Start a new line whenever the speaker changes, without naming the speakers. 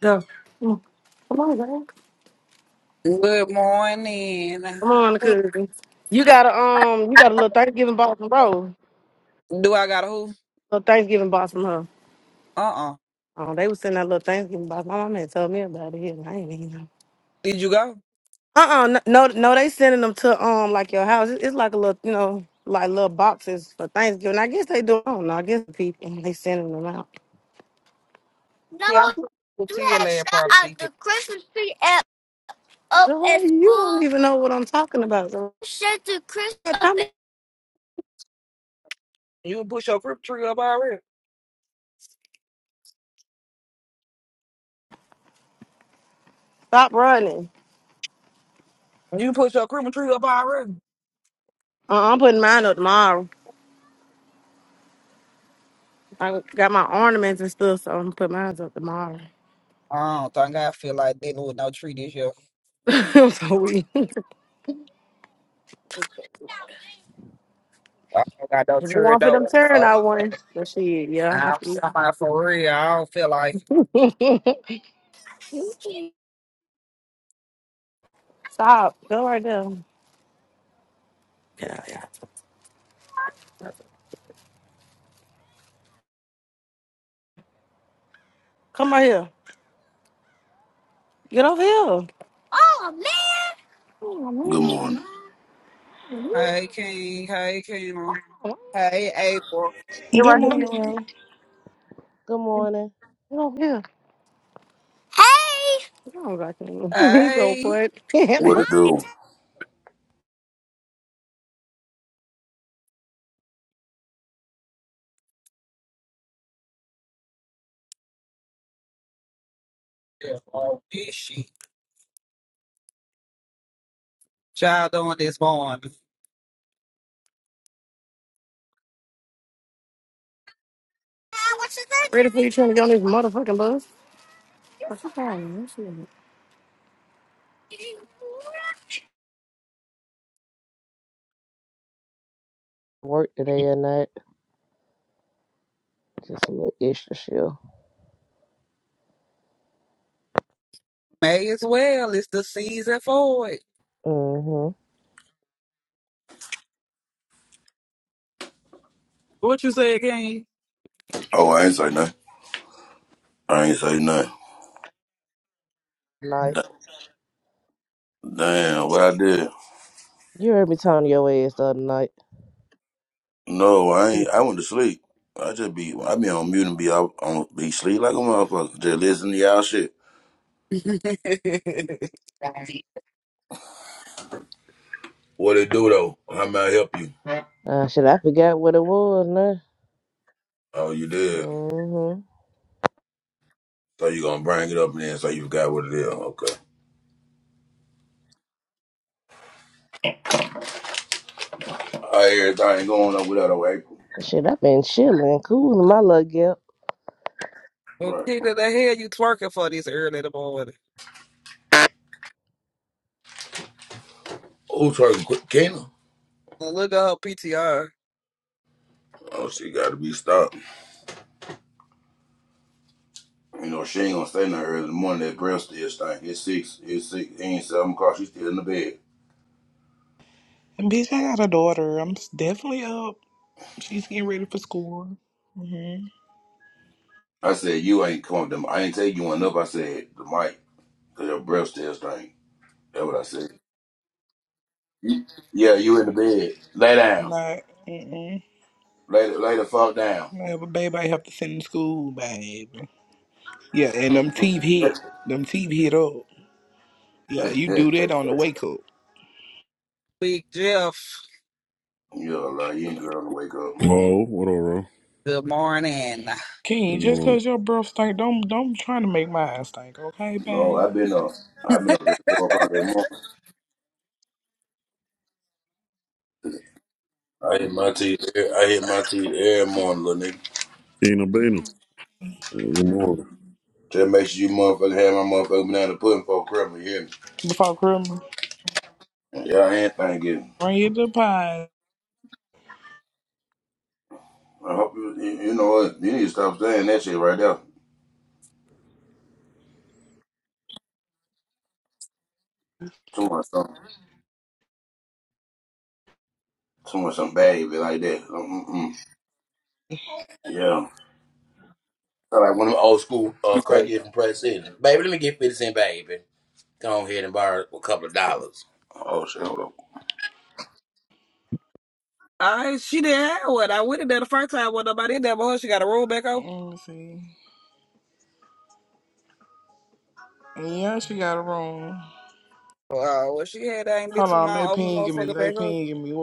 Go. Mm. Come on, girl.
Good morning.
Come on, cousin. You got a um, you got a little Thanksgiving box from bro.
Do I got a who?
Little Thanksgiving box from her.
Uh uh
Oh, they was sending that little Thanksgiving box. My mom had told me about it. and I ain't even know.
Did you go?
Uh uh no, no, no, they sending them to um like your house. It's, it's like a little, you know, like little boxes for Thanksgiving. I guess they do. I don't know. I guess people they sending them out. No,
See, I'm pushing
you
to your
had
lab
shot
probably.
out the Christmas tree at up Girl, at you don't school. even know what I'm talking about. girl. Shut the Christmas.
You push your crib tree up already.
Stop running.
You push your crib tree up already.
Uh, I'm putting mine up tomorrow. I got my ornaments and stuff, so I'm gonna put mine up tomorrow.
I don't think I feel like dealing with no tree this year.
so we, if
I don't got no
it
tree
want for them
though.
turn,
So
I won. So shit, yeah, I
I'm
have to.
somebody for real. I don't feel like. it.
eat. Stop. Go right there. Get out here. Come right here. Get over here. Oh
Good morning.
Hey King. Hey King.
man.
Hey April.
Get
Good
right here.
morning, Ro.
Good morning.
Get over here. Hey. Oh, God. He's so
Hey.
funny.
What it do?
Yeah, all this shit. Y'all doing this morning.
Ready for you trying to get on this motherfucking bus? What you calling?
Work today at night. Just a little extra shift.
May as well. It's the season for it.
Mm-hmm.
What you say again?
Oh, I ain't say nothing. I ain't say nothing.
Night.
Damn, what I did?
You heard me talking your ass the other night.
No, I ain't. I went to sleep. I just be, I be on mute and be out, on, be sleep like a motherfucker. Just listen to y'all shit. What it do though? How may I help you?
Uh, shit, I forgot what it was now.
Oh, you did.
Mm-hmm.
So you gonna bring it up and then say you forgot what it is? Okay. I hear everything going up without a April.
Shit, i been chilling, cooling my luck
Well,
Right.
Keita, the hell you twerking for this early in the morning?
Who talking quick? Kena?
Well, look at her PTR.
Oh, she gotta be stopped. You know, she ain't gonna stay in there early in the morning. That girl still stank. It's six. It's six. It ain't seven o'clock. She still in the bed.
Bitch, I got a daughter. I'm s- definitely up. She's getting ready for school. Mm-hmm.
I said, you ain't come up to I ain't tell you went up. I said, the mic, your breath still stink. That's what I said. You- Yeah, you in the bed. Lay
I'm
down.
not, mm-mm.
Lay, the- lay the fuck down.
I have a baby I have to send to school, baby. Yeah, and them teeth hit. Them teeth hit up. Yeah,
yeah,
you do that on the wake up.
Big Jeff.
like, you ain't trying to wake up.
Oh, what up, bro?
Good morning.
Good
King, just
morning.
cause your breath stink, don't don't try to make mine stink, okay,
No,
babe?
I've been up. I've been up at 4 o'clock every morning. I hit my teeth. every- I hit my teeth every morning, little nigga.
Kina Bina. Good morning.
Just make sure you motherfucker have my motherfucker banana pudding for Christmas, you hear me?
Before Christmas,
Yeah, I ain't thanking.
bring you the pie.
I hope you, you, you know what? You need to stop saying that shit right there. Too much something. Too much some bad like that. Yeah. Sound Like one of them old school uh, crackheads from Pratt City. Baby, let me get 50 cent, baby. Come on here and borrow a couple of dollars. Oh, shit. hold on.
I she didn't have one. I went in there the first time with nobody in there, but her, she got a roll back
Let
up.
me see. yeah, she got a room.
Wow, well, she had that ain't been
Hold
too
on, they
long. Open the
pinging me.
motherfucker
They
back up.
pinging me.